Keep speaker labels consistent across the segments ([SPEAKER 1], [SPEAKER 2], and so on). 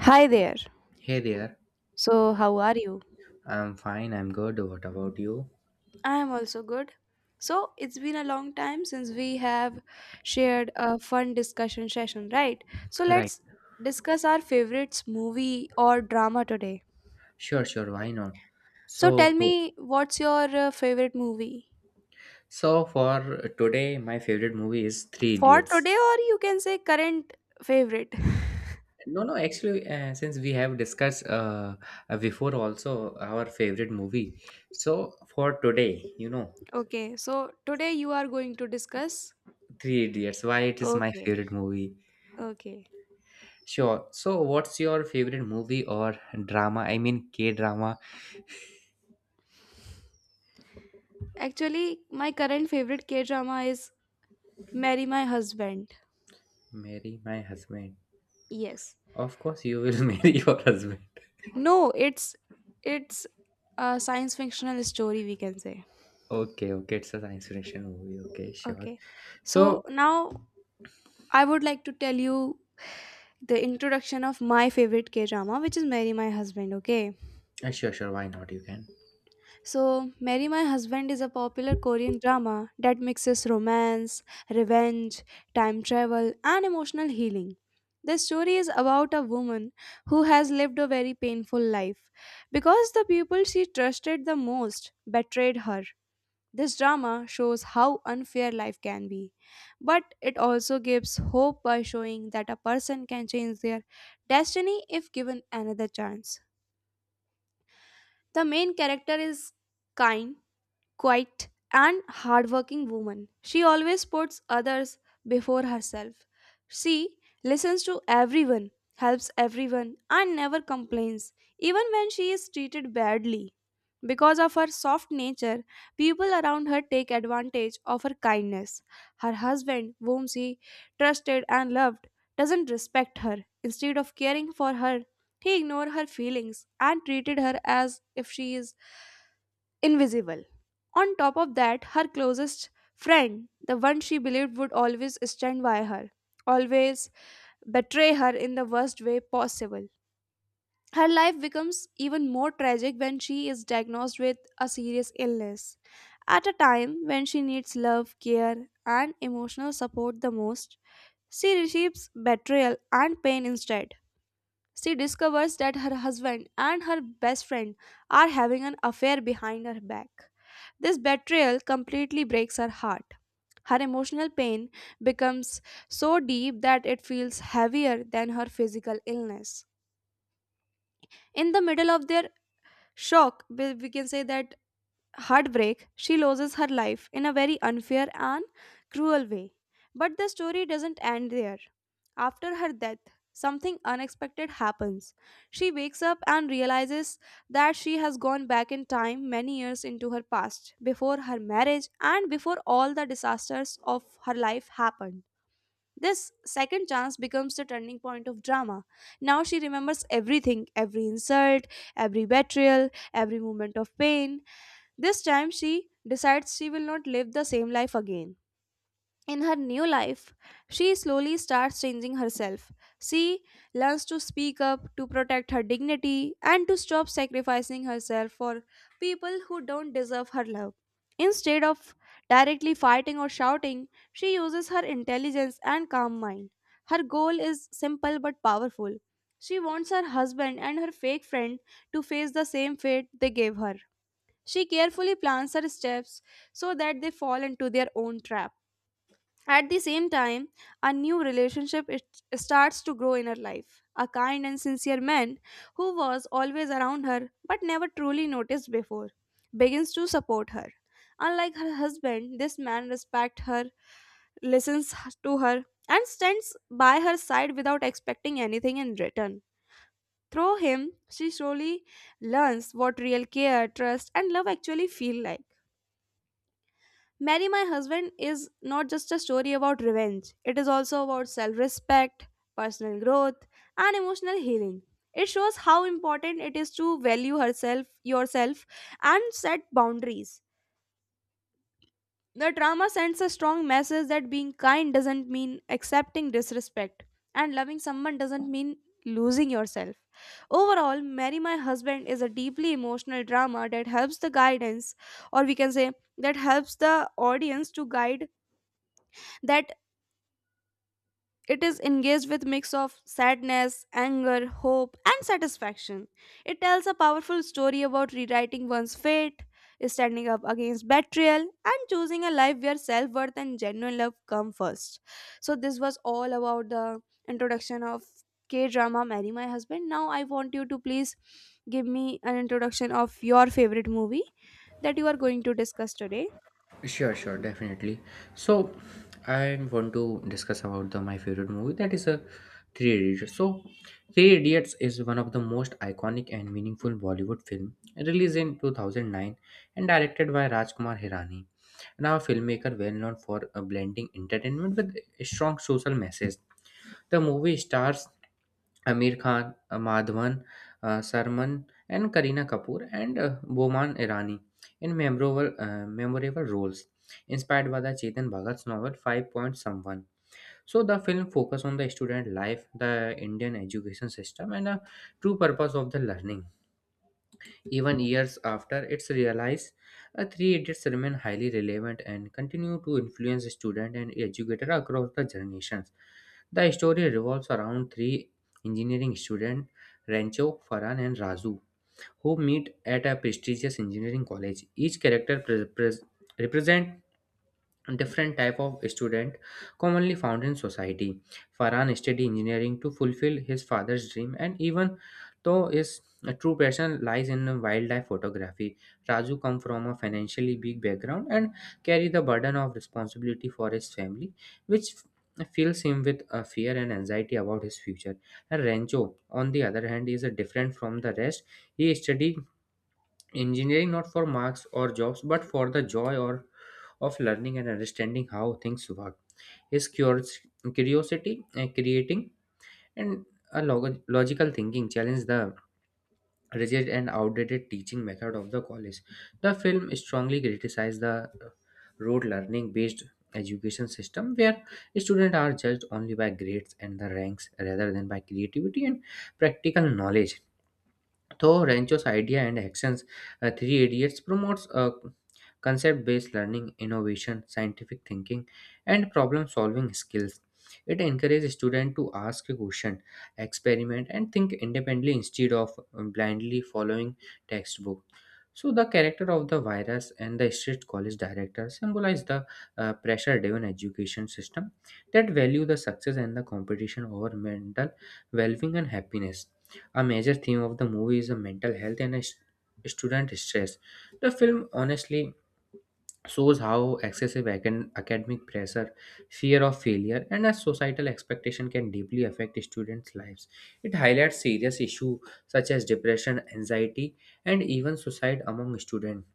[SPEAKER 1] Hi there.
[SPEAKER 2] Hey there,
[SPEAKER 1] So, how are you?
[SPEAKER 2] I'm fine, I'm good. What about you?
[SPEAKER 1] I am also good. So, it's been a long time since we have shared a fun discussion session, right? So,
[SPEAKER 2] Right,
[SPEAKER 1] let's discuss our favorites movie or drama today.
[SPEAKER 2] sure, sure, why not?
[SPEAKER 1] So, tell
[SPEAKER 2] So,
[SPEAKER 1] me what's your favorite movie
[SPEAKER 2] so, for today, my favorite movie is Three
[SPEAKER 1] for
[SPEAKER 2] Idiots.
[SPEAKER 1] today, or you can say current favorite.
[SPEAKER 2] No, no, actually, since we have discussed before also our favorite movie, so for today,
[SPEAKER 1] Okay, so today you are going to discuss.
[SPEAKER 2] Three Idiots, why it is my
[SPEAKER 1] Okay,
[SPEAKER 2] favorite movie.
[SPEAKER 1] okay.
[SPEAKER 2] Sure. So, what's your favorite movie or drama? I mean, K drama.
[SPEAKER 1] Actually, my current favorite K drama is Marry My Husband.
[SPEAKER 2] Marry my husband.
[SPEAKER 1] Yes.
[SPEAKER 2] Of course, you will marry your husband.
[SPEAKER 1] No, it's a science fictional story we can say.
[SPEAKER 2] Okay, okay, it's a science fiction movie. Okay, sure.
[SPEAKER 1] Okay. So
[SPEAKER 2] So,
[SPEAKER 1] now I would like to tell you the introduction of my favorite K drama, which is Marry My Husband. Okay.
[SPEAKER 2] sure, sure, why not? You can.
[SPEAKER 1] So, Marry My Husband is a popular Korean drama that mixes romance, revenge, time travel, and emotional healing. The story is about a woman who has lived a very painful life because the people she trusted the most betrayed her. This drama shows how unfair life can be, but it also gives hope by showing that a person can change their destiny if given another chance. The main character is kind, quiet, and hardworking woman. She always puts others before herself. She listens to everyone, helps everyone, and never complains, even when she is treated badly. Because of her soft nature, people around her take advantage of her kindness. Her husband, whom she trusted and loved, doesn't respect her. Instead of caring for her, he ignored her feelings and treated her as if she is invisible. On top of that, her closest friend, the one she believed would always stand by her, always betray her in the worst way possible. Her life becomes even more tragic when she is diagnosed with a serious illness. At a time when she needs love, care, and emotional support the most, she receives betrayal and pain instead. She discovers that her husband and her best friend are having an affair behind her back. This betrayal completely breaks her heart. Her emotional pain becomes so deep that it feels heavier than her physical illness. In the middle of their shock, we can say that heartbreak, she loses her life in a very unfair and cruel way. But the story doesn't end there. After her death, something unexpected happens. She wakes up and realizes that she has gone back in time many years into her past, before her marriage and before all the disasters of her life happened. This second chance becomes the turning point of drama. Now she remembers everything, every insult, every betrayal, every moment of pain. This time she decides she will not live the same life again. In her new life, she slowly starts changing herself. She learns to speak up, to protect her dignity, and to stop sacrificing herself for people who don't deserve her love. Instead of directly fighting or shouting, she uses her intelligence and calm mind. Her goal is simple but powerful. She wants her husband and her fake friend to face the same fate they gave her. She carefully plans her steps so that they fall into their own trap. At the same time, a new relationship it starts to grow in her life. A kind and sincere man who was always around her but never truly noticed before begins to support her. Unlike her husband, this man respects her, listens to her, and stands by her side without expecting anything in return. Through him, she slowly learns what real care, trust, and love actually feel like. Marry My Husband is not just a story about revenge, it is also about self respect, personal growth, and emotional healing. It shows how important it is to value herself, yourself, and set boundaries. The drama sends a strong message that being kind doesn't mean accepting disrespect, and loving someone doesn't mean losing yourself. Overall, Marry My Husband is a deeply emotional drama that helps the guidance, or we can say, that helps the audience to guide that it is engaged with mix of sadness, anger, hope, and satisfaction. It tells a powerful story about rewriting one's fate, standing up against betrayal, and choosing a life where self-worth and genuine love come first. So this was all about the introduction of K-drama Marry My Husband. Now I want you to please give me an introduction of your favorite movie that you are going to discuss today?
[SPEAKER 2] Sure, sure, definitely. So, I want to discuss about the my favorite movie that is a Three Idiots. So, Three Idiots is one of the most iconic and meaningful Bollywood film released in 2009 and directed by Rajkumar Hirani. Now, a filmmaker well known for blending entertainment with a strong social message. The movie stars Amir Khan, Madhavan, Sarman, and Kareena Kapoor, and Boman Irani in memorable roles, inspired by the Chetan Bhagat's novel Five Point Someone. So the film focuses on the student life, the Indian education system, and the true purpose of the learning. Even years after its release, Three Idiots remain highly relevant and continue to influence students and educators across the generations. The story revolves around three engineering students, Rancho, Farhan, and Razu, who meet at a prestigious engineering college. Each character represents different type of student commonly found in society. Farhan studied engineering to fulfill his father's dream and even though his true passion lies in wildlife photography. Raju come from a financially big background and carry the burden of responsibility for his family, which fills him with fear and anxiety about his future. And Rancho, on the other hand, is different from the rest. He studied engineering not for marks or jobs but for the joy or of learning and understanding how things work. His curiosity, creating and a logical thinking challenge the rigid and outdated teaching method of the college. The film strongly criticized the uh, rote learning based education system where students are judged only by grades and the ranks rather than by creativity and practical knowledge. Though Rancho's idea and actions, Three Idiots promotes concept based learning, innovation, scientific thinking, and problem solving skills. It encourages students to ask a question, experiment, and think independently instead of blindly following textbook. So, the character of the virus and the strict college director symbolize the pressure driven education system that value the success and the competition over mental well being and happiness. A major theme of the movie is a mental health and a student stress. The film honestly shows how excessive academic pressure, fear of failure, and a societal expectation can deeply affect students' lives. It highlights serious issues such as depression, anxiety, and even suicide among students,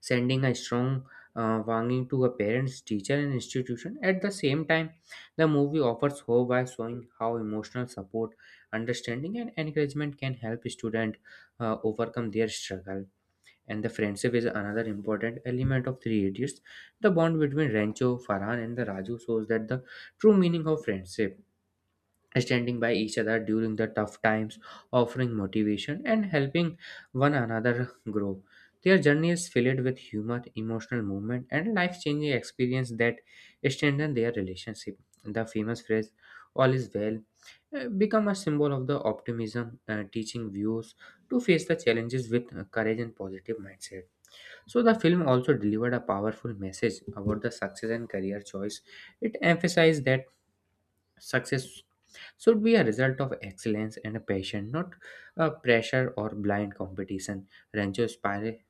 [SPEAKER 2] sending a strong warning to a parents, teacher, and institution. At the same time, the movie offers hope by showing how emotional support, understanding, and encouragement can help students overcome their struggle. And the friendship is another important element of Three Idiots. The bond between Rancho, Farhan, and the Raju shows that the true meaning of friendship standing by each other during the tough times, offering motivation and helping one another grow. Their journey is filled with humor, emotional movement, and life changing experience that strengthen their relationship. The famous phrase, all is well, become a symbol of the optimism, teaching views to face the challenges with courage and positive mindset. So, the film also delivered a powerful message about the success and career choice. It emphasized that success should be a result of excellence and a passion, not a pressure or blind competition. Rancho inspired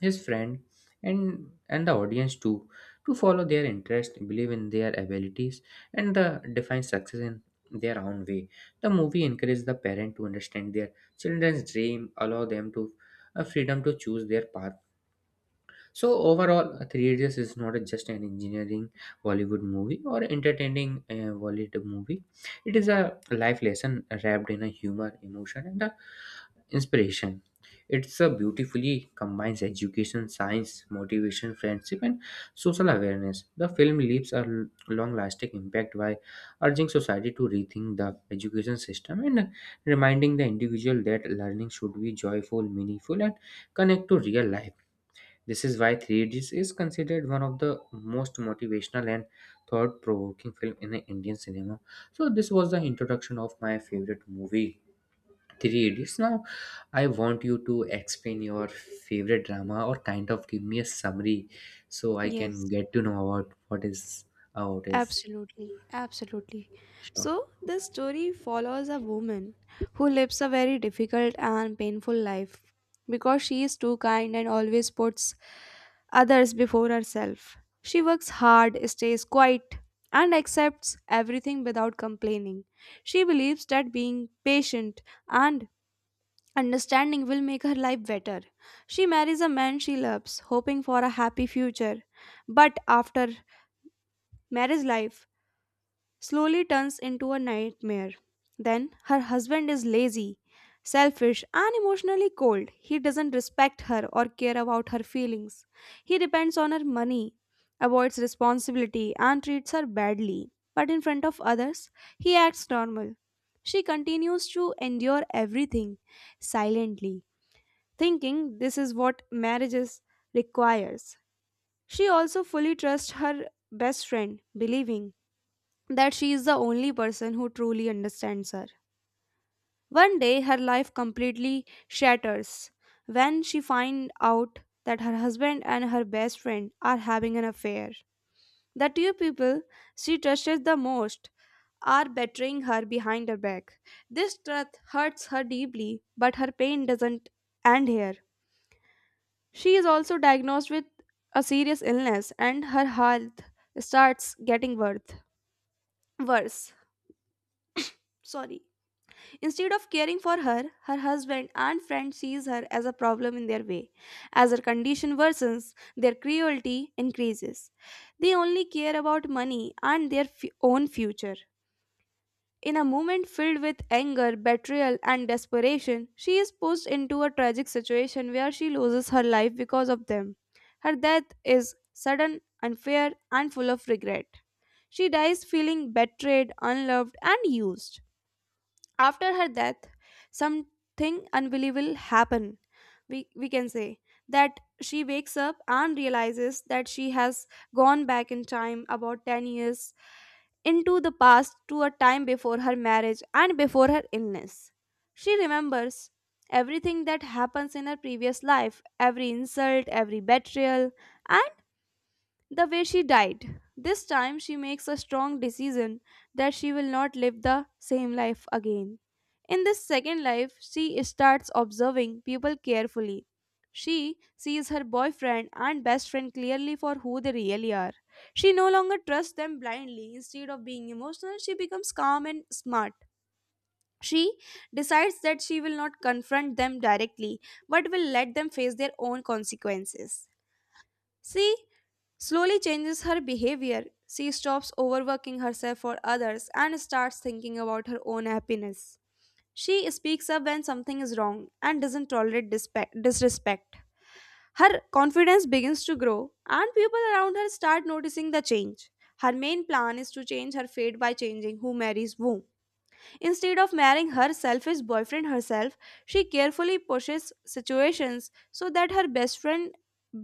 [SPEAKER 2] his friend and the audience too to follow their interest, believe in their abilities, and define success in their own way. The movie encouraged the parent to understand their children's dream, allow them to freedom to choose their path. So overall, Three Idiots is not just an engineering Bollywood movie or entertaining Bollywood movie. It is a life lesson wrapped in a humor, emotion, and a inspiration. It's a beautifully combines education, science, motivation, friendship, and social awareness. The film leaves a long-lasting impact by urging society to rethink the education system and reminding the individual that learning should be joyful, meaningful, and connect to real life. This is why 3 Idiots is considered one of the most motivational and thought provoking film in the Indian cinema. So this was the introduction of my favorite movie 3 Idiots. Now I want you to explain your favorite drama or kind of give me a summary so I
[SPEAKER 1] Yes.
[SPEAKER 2] can get to know about what is how it is.
[SPEAKER 1] Absolutely, absolutely.
[SPEAKER 2] Sure.
[SPEAKER 1] So, this story follows a woman who lives a very difficult and painful life because she is too kind and always puts others before herself. She works hard, stays quiet, and accepts everything without complaining. She believes that being patient and understanding will make her life better. She marries a man she loves, hoping for a happy future. But after marriage life, slowly turns into a nightmare. Then her husband is lazy, selfish, and emotionally cold. He doesn't respect her or care about her feelings. He depends on her money, avoids responsibility, and treats her badly. But in front of others, he acts normal. She continues to endure everything silently, thinking this is what marriages requires. She also fully trusts her best friend, believing that she is the only person who truly understands her. One day, her life completely shatters when she finds out that her husband and her best friend are having an affair. The two people she trusts the most are betraying her behind her back. This truth hurts her deeply, but her pain doesn't end here. She is also diagnosed with a serious illness, and her health starts getting worse. Worse. Sorry. Instead of caring for her, her husband and friend sees her as a problem in their way. As her condition worsens, their cruelty increases. They only care about money and their own future. In a moment filled with anger, betrayal, and desperation, she is pushed into a tragic situation where she loses her life because of them. Her death is sudden, unfair, and full of regret. She dies feeling betrayed, unloved, and used. After her death, something unbelievable happened, we can say, that she wakes up and realizes that she has gone back in time about 10 years into the past, to a time before her marriage and before her illness. She remembers everything that happens in her previous life, every insult, every betrayal, and the way she died. This time she makes a strong decision that she will not live the same life again. In this second life, she starts observing people carefully. She sees her boyfriend and best friend clearly for who they really are. She no longer trusts them blindly. Instead of being emotional, she becomes calm and smart. She decides that she will not confront them directly but will let them face their own consequences. She slowly changes her behavior. She stops overworking herself for others and starts thinking about her own happiness. She speaks up when something is wrong and doesn't tolerate disrespect. Her confidence begins to grow, and people around her start noticing the change. Her main plan is to change her fate by changing who marries whom. Instead of marrying her selfish boyfriend herself, she carefully pushes situations so that her best friend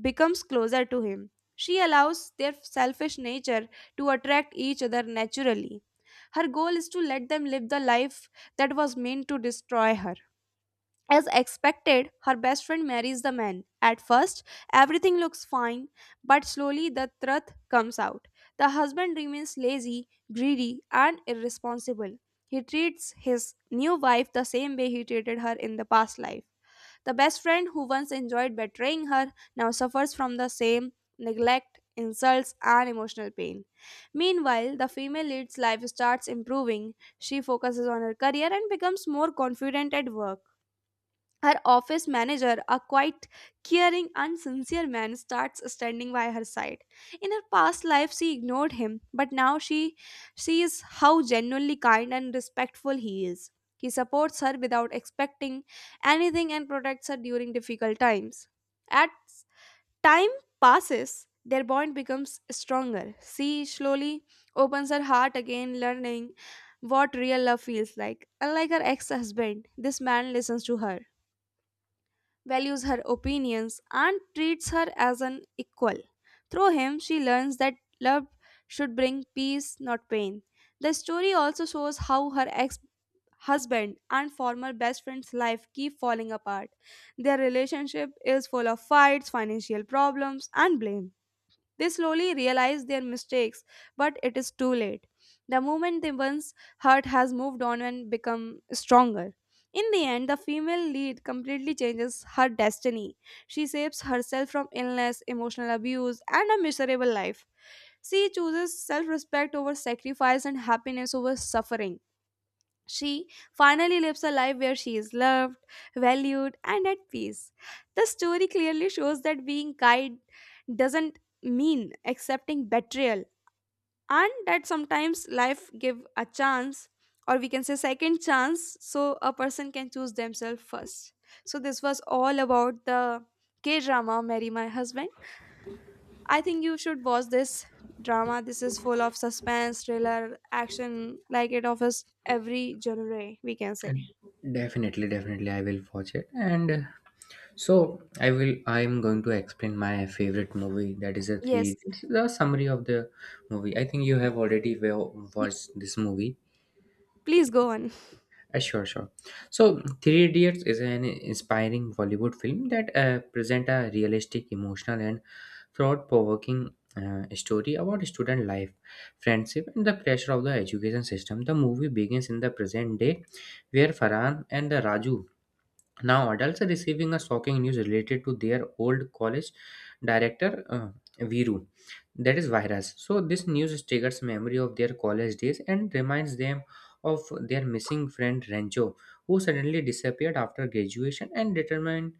[SPEAKER 1] becomes closer to him. She allows their selfish nature to attract each other naturally. Her goal is to let them live the life that was meant to destroy her. As expected, her best friend marries the man. At first, everything looks fine, but slowly the truth comes out. The husband remains lazy, greedy, and irresponsible. He treats his new wife the same way he treated her in the past life. The best friend who once enjoyed betraying her now suffers from the same neglect, insults, and emotional pain. Meanwhile, the female lead's life starts improving. She focuses on her career and becomes more confident at work. Her office manager, a quite caring and sincere man, starts standing by her side. In her past life, she ignored him, but now she sees how genuinely kind and respectful he is. He supports her without expecting anything and protects her during difficult times. At time passes, their bond becomes stronger. She slowly opens her heart again, learning what real love feels like. Unlike her ex husband, this man listens to her, values her opinions, and treats her as an equal. Through him, she learns that love should bring peace, not pain. The story also shows how her ex husband and former best friend's life keep falling apart. Their relationship is full of fights, financial problems, and blame. They slowly realize their mistakes, but it is too late. The moment the one's heart has moved on and become stronger. In the end, the female lead completely changes her destiny. She saves herself from illness, emotional abuse, and a miserable life. She chooses self respect over sacrifice and happiness over suffering. She finally lives a life where she is loved, valued, and at peace. The story clearly shows that being kind doesn't mean accepting betrayal, and that sometimes life give a chance, or we can say second chance, so a person can choose themselves first. So this was all about the K drama "Marry My Husband." I think you should watch this drama. This is full of suspense, thriller, action, like it offers every genre. We can say.
[SPEAKER 2] And definitely, definitely I will watch it and so I will. I am going to explain my favorite movie. That is a three.
[SPEAKER 1] Yes.
[SPEAKER 2] This is a summary of the movie. I think you have already
[SPEAKER 1] Yeah.
[SPEAKER 2] watched this movie.
[SPEAKER 1] Please go on.
[SPEAKER 2] Sure, sure. So Three Idiots is an inspiring Bollywood film that present a realistic, emotional, and thought-provoking story about student life, friendship, and the pressure of the education system. The movie begins in the present day, where Farhan and the Raju, now adults, are receiving a shocking news related to their old college director, Viru, that is Virus. So, this news triggers memory of their college days and reminds them of their missing friend Rancho, who suddenly disappeared after graduation, and determined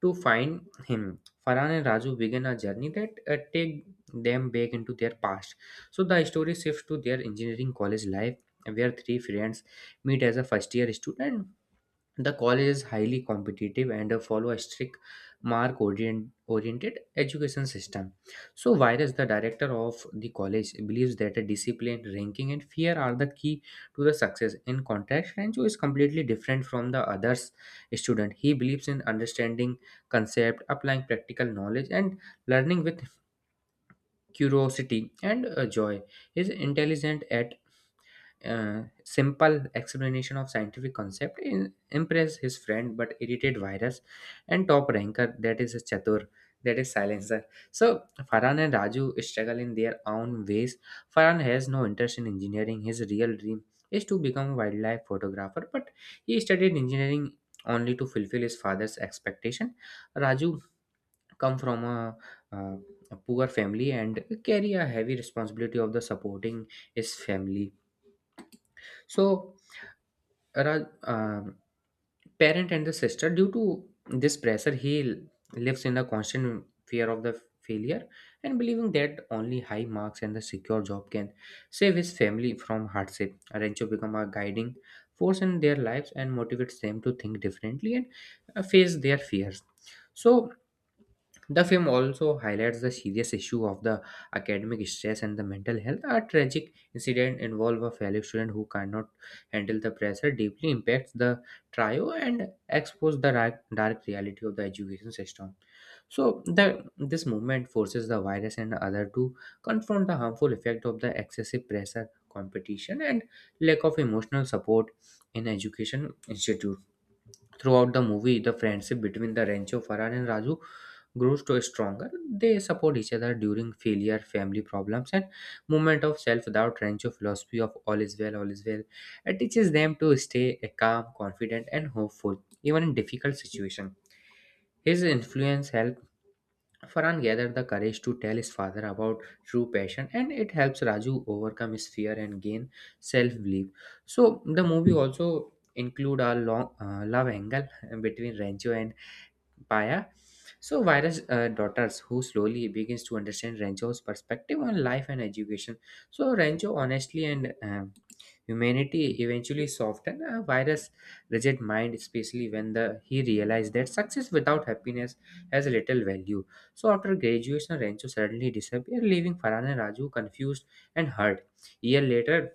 [SPEAKER 2] to find him. Farhan and Raju begin a journey that take them back into their past. So, the story shifts to their engineering college life, where three friends meet as a first year student. The college is highly competitive and follow a strict oriented education system. So, Virus, the director of the college, believes that a discipline, ranking, and fear are the key to the success. In contrast, Rancho is completely different from the others student. He believes in understanding concept, applying practical knowledge, and learning with curiosity and joy. He is intelligent at simple explanation of scientific concept in, impress his friend but irritate virus and top ranker, that is Chatur, that is silencer. So Farhan and Raju struggle in their own ways. Farhan has no interest in engineering. His real dream is to become a wildlife photographer, but he studied engineering only to fulfill his father's expectation. Raju come from uh, a poor family and carry a heavy responsibility of the supporting his family, so Ra- um parent and the sister. Due to this pressure, he lives in a constant fear of the failure and believing that only high marks and the secure job can save his family from hardship. Rancho become a guiding force in their lives and motivates them to think differently and face their fears. So the film also highlights the serious issue of the academic stress and the mental health. A tragic incident involved a fellow student who cannot handle the pressure deeply impacts the trio and exposes the dark reality of the education system. So the this movement forces the virus and other to confront the harmful effect of the excessive pressure, competition, and lack of emotional support in education institutions. Throughout the movie, the friendship between the Rancho, Farhan, and Raju grows to stronger. They support each other during failure, family problems, and moment of self-doubt. Rancho philosophy of all is well, it teaches them to stay calm, confident, and hopeful even in difficult situation. His influence helps Farhan gathered the courage to tell his father about true passion, and it helps Raju overcome his fear and gain self-belief. So the movie also include a long love angle between Rancho and Paya. So Vira's daughters, who slowly begins to understand Renjo's perspective on life and education. So Renjo honestly and humanity eventually soften a virus rigid mind, especially when the he realized that success without happiness has little value. So after graduation, Rancho suddenly disappeared, leaving Farhan and Raju confused and hurt. Year later,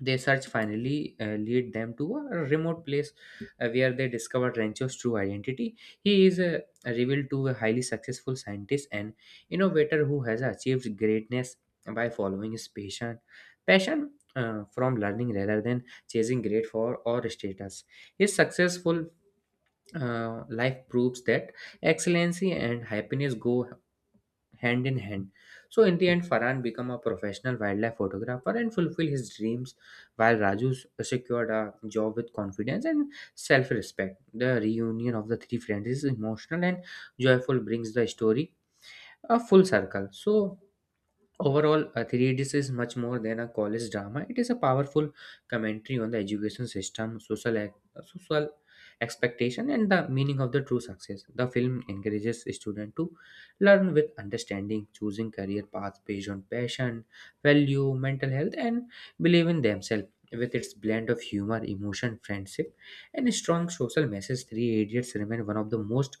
[SPEAKER 2] their search finally lead them to a remote place, where they discover Rancho's true identity. He is revealed to a highly successful scientist and innovator who has achieved greatness by following his passion from learning rather than chasing grade for or status. His successful life proves that excellency and happiness go hand in hand. So in the end, Farhan became a professional wildlife photographer and fulfilled his dreams, while Raju secured a job with confidence and self-respect. The reunion of the three friends is emotional and joyful, brings the story a full circle. So overall, 3 is much more than a college drama. It is a powerful commentary on the education system, social expectation, and the meaning of the true success. The film encourages students to learn with understanding, choosing career paths based on passion, value, mental health, and believe in themselves. With its blend of humor, emotion, friendship, and strong social message, Three Idiots remain one of the most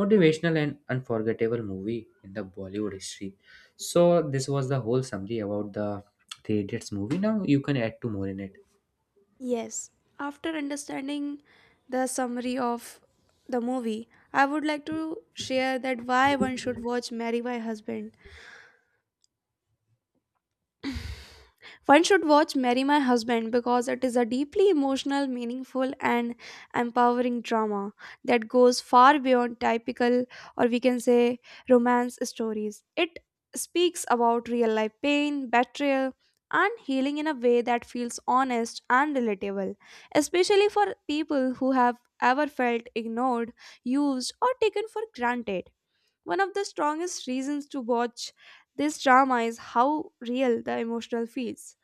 [SPEAKER 2] motivational and unforgettable movie in the Bollywood history. So this was the whole summary about the Three Idiots movie. Now you can add to more in it.
[SPEAKER 1] Yes, after understanding the summary of the movie, I would like to share that why one should watch Marry My Husband. One should watch Marry My Husband because it is a deeply emotional, meaningful, and empowering drama that goes far beyond typical, or we can say romance stories. It speaks about real life pain, betrayal, and healing in a way that feels honest and relatable, especially for people who have ever felt ignored, used, or taken for granted. One of the strongest reasons to watch this drama is how real the emotional feels.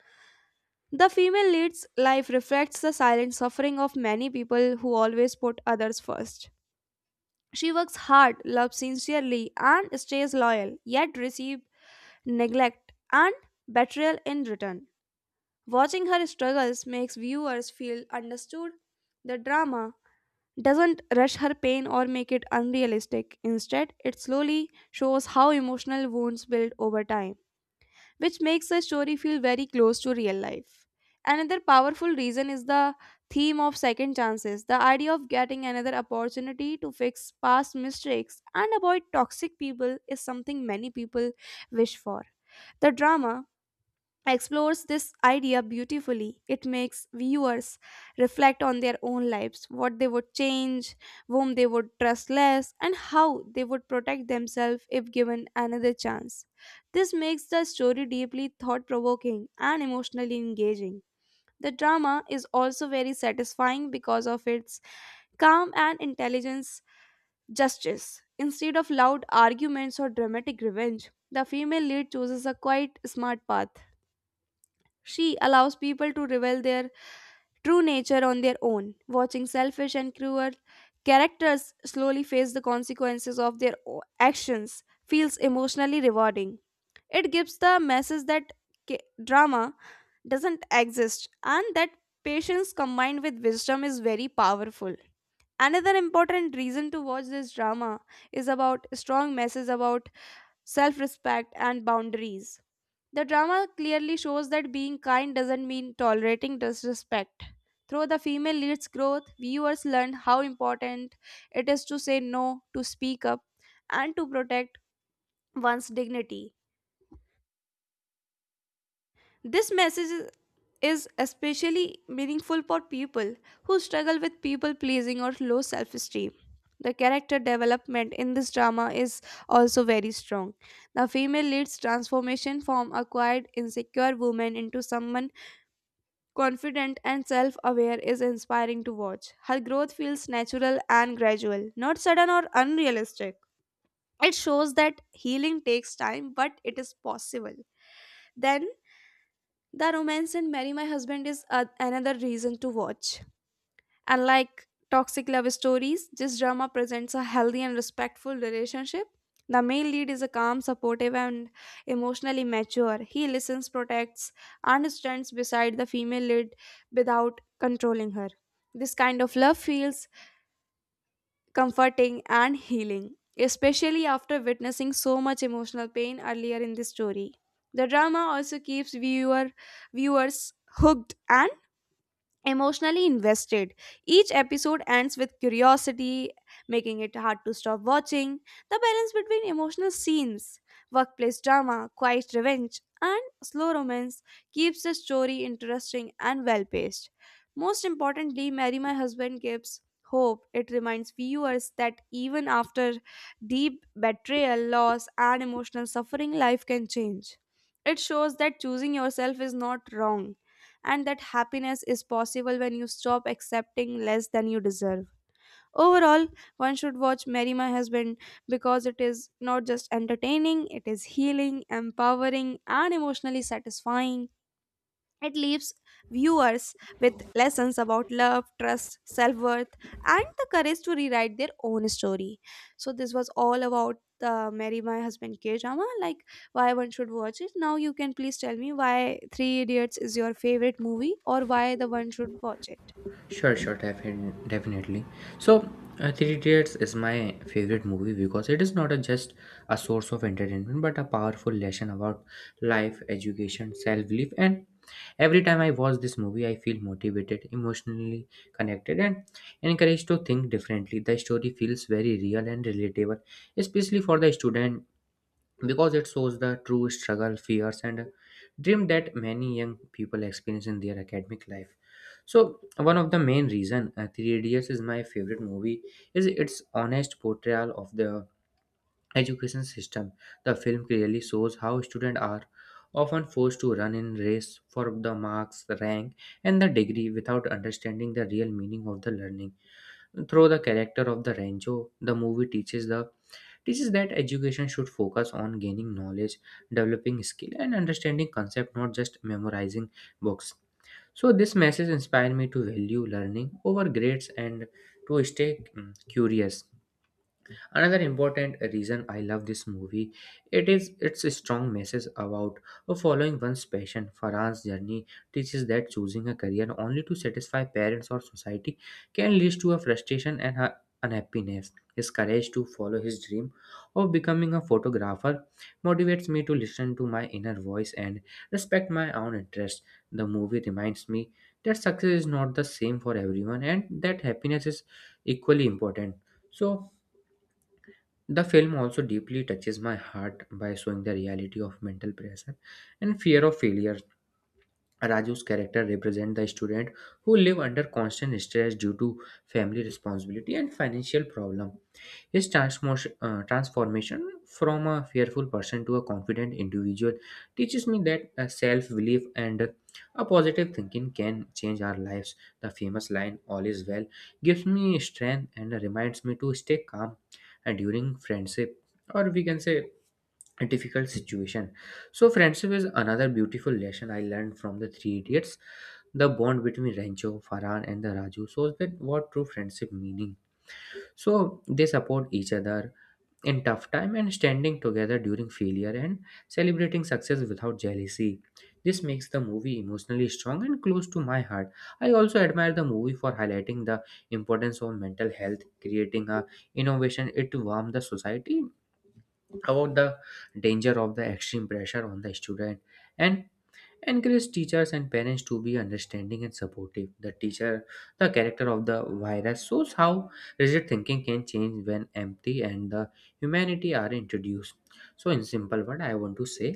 [SPEAKER 1] The female lead's life reflects the silent suffering of many people who always put others first. She works hard, loves sincerely, and stays loyal, yet receives neglect and betrayal in return. Watching her struggles makes viewers feel understood. The drama doesn't rush her pain or make it unrealistic. Instead, it slowly shows how emotional wounds build over time, which makes the story feel very close to real life. Another powerful reason is the theme of second chances. The idea of getting another opportunity to fix past mistakes and avoid toxic people is something many people wish for. The drama explores this idea beautifully. It makes viewers reflect on their own lives, what they would change, whom they would trust less, and how they would protect themselves if given another chance. This makes the story deeply thought provoking and emotionally engaging. The drama is also very satisfying because of its calm and intelligence justice. Instead of loud arguments or dramatic revenge, the female lead chooses a quiet, smart path. She allows people to reveal their true nature on their own. Watching selfish and cruel characters slowly face the consequences of their actions feels emotionally rewarding. It gives the message that ca- drama doesn't exist and that patience combined with wisdom is very powerful. Another important reason to watch this drama is about strong message about self-respect and boundaries. The drama clearly shows that being kind doesn't mean tolerating disrespect. Through the female lead's growth, viewers learn how important it is to say no, to speak up, and to protect one's dignity. This message is especially meaningful for people who struggle with people pleasing or low self esteem. The character development in this drama is also very strong. The female lead's transformation from a quiet, insecure woman into someone confident and self aware is inspiring to watch. Her growth feels natural and gradual, not sudden or unrealistic. It shows that healing takes time, but it is possible. Then, the romance in Marry My Husband is another reason to watch. Unlike toxic love stories, this drama presents a healthy and respectful relationship. The male lead is a calm, supportive, and emotionally mature. He listens, protects, and stands beside the female lead without controlling her. This kind of love feels comforting and healing, especially after witnessing so much emotional pain earlier in the story. The drama also keeps viewers hooked and emotionally invested. Each episode ends with curiosity, making it hard to stop watching. The balance between emotional scenes, workplace drama, quiet revenge, and slow romance keeps the story interesting and well paced. Most importantly, Marry My Husband gives hope. It reminds viewers that even after deep betrayal, loss, and emotional suffering, life can change. It shows that choosing yourself is not wrong and that happiness is possible when you stop accepting less than you deserve. Overall, one should watch Marry My Husband because it is not just entertaining, it is healing, empowering, and emotionally satisfying. It leaves viewers with lessons about love, trust, self worth, and the courage to rewrite their own story. So, this was all about the Marry My Husband K drama. Like, why one should watch it. Now you can please tell me why Three Idiots is your favorite movie or why the one should watch it.
[SPEAKER 2] Definitely. So, Three Idiots is my favorite movie because it is not a, just a source of entertainment but a powerful lesson about life, education, self belief. And every time I watch this movie, I feel motivated, emotionally connected, and encouraged to think differently. The story feels very real and relatable, especially for the student because it shows the true struggle, fears, and dream that many young people experience in their academic life. So one of the main reason Three Idiots is my favorite movie is its honest portrayal of the education system. The film clearly shows how students are often forced to run in race for the marks, rank, and the degree without understanding the real meaning of the learning. Through the character of the Rancho, the movie teaches the teaches that education should focus on gaining knowledge, developing skill, and understanding concept, not just memorizing books. So this message inspired me to value learning over grades and to stay curious. Another important reason I love this movie it is its strong message about following one's passion. Farhan's journey teaches that choosing a career only to satisfy parents or society can lead to a frustration and a unhappiness. His courage to follow his dream of becoming a photographer motivates me to listen to my inner voice and respect my own interests. The movie reminds me that success is not the same for everyone and that happiness is equally important. So, the film also deeply touches my heart by showing the reality of mental pressure and fear of failure. Raju's character represents the student who live under constant stress due to family responsibility and financial problem. His transformation from a fearful person to a confident individual teaches me that self belief and a positive thinking can change our lives. The famous line, All is well, gives me strength and reminds me to stay calm during friendship or we can say a difficult situation. So, friendship is another beautiful lesson I learned from the three idiots. The bond between Rancho, Farhan, and the Raju shows that what true friendship meaning. So they support each other, in tough time and standing together during failure and celebrating success without jealousy. This makes the movie emotionally strong and close to my heart. I also admire the movie for highlighting the importance of mental health, creating a innovation it to warm the society about the danger of the extreme pressure on the student and encourage teachers and parents to be understanding and supportive the teacher, the character of the virus shows how rigid thinking can change when empathy and the humanity are introduced. So in simple word I want to say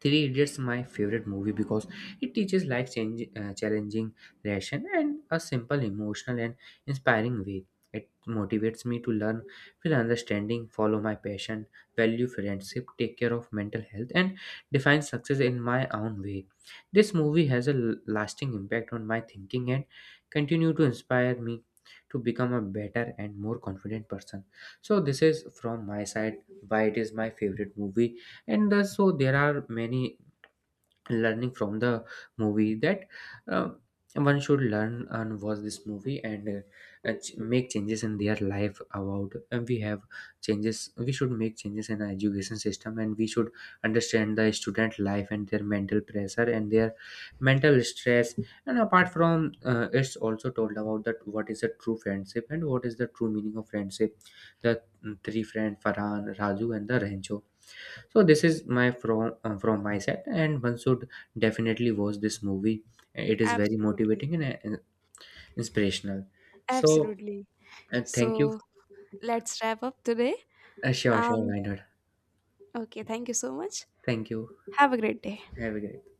[SPEAKER 2] Three Idiots my favorite movie because it teaches life change, challenging lesson and a simple emotional and inspiring way. It motivates me to learn, feel understanding, follow my passion, value friendship, take care of mental health, and define success in my own way. This movie has a lasting impact on my thinking and continue to inspire me to become a better and more confident person. So this is from my side why it is my favorite movie and so there are many learning from the movie that uh, one should learn and watch this movie and make changes in their life about and we have changes we should make changes in our education system and we should understand the student life and their mental pressure and their mental stress and apart from it's also told about that what is a true friendship and what is the true meaning of friendship the 3 friend Farhan, Raju, and the Rancho. So this is my from my side, and one should definitely watch this movie. It is very
[SPEAKER 1] Absolutely.
[SPEAKER 2] motivating and inspirational. So
[SPEAKER 1] Absolutely.
[SPEAKER 2] thank you.
[SPEAKER 1] So let's wrap up today.
[SPEAKER 2] Sure, sure,
[SPEAKER 1] Um
[SPEAKER 2] why not?
[SPEAKER 1] okay, thank you so much.
[SPEAKER 2] Thank you.
[SPEAKER 1] Have a great day.
[SPEAKER 2] Have a great.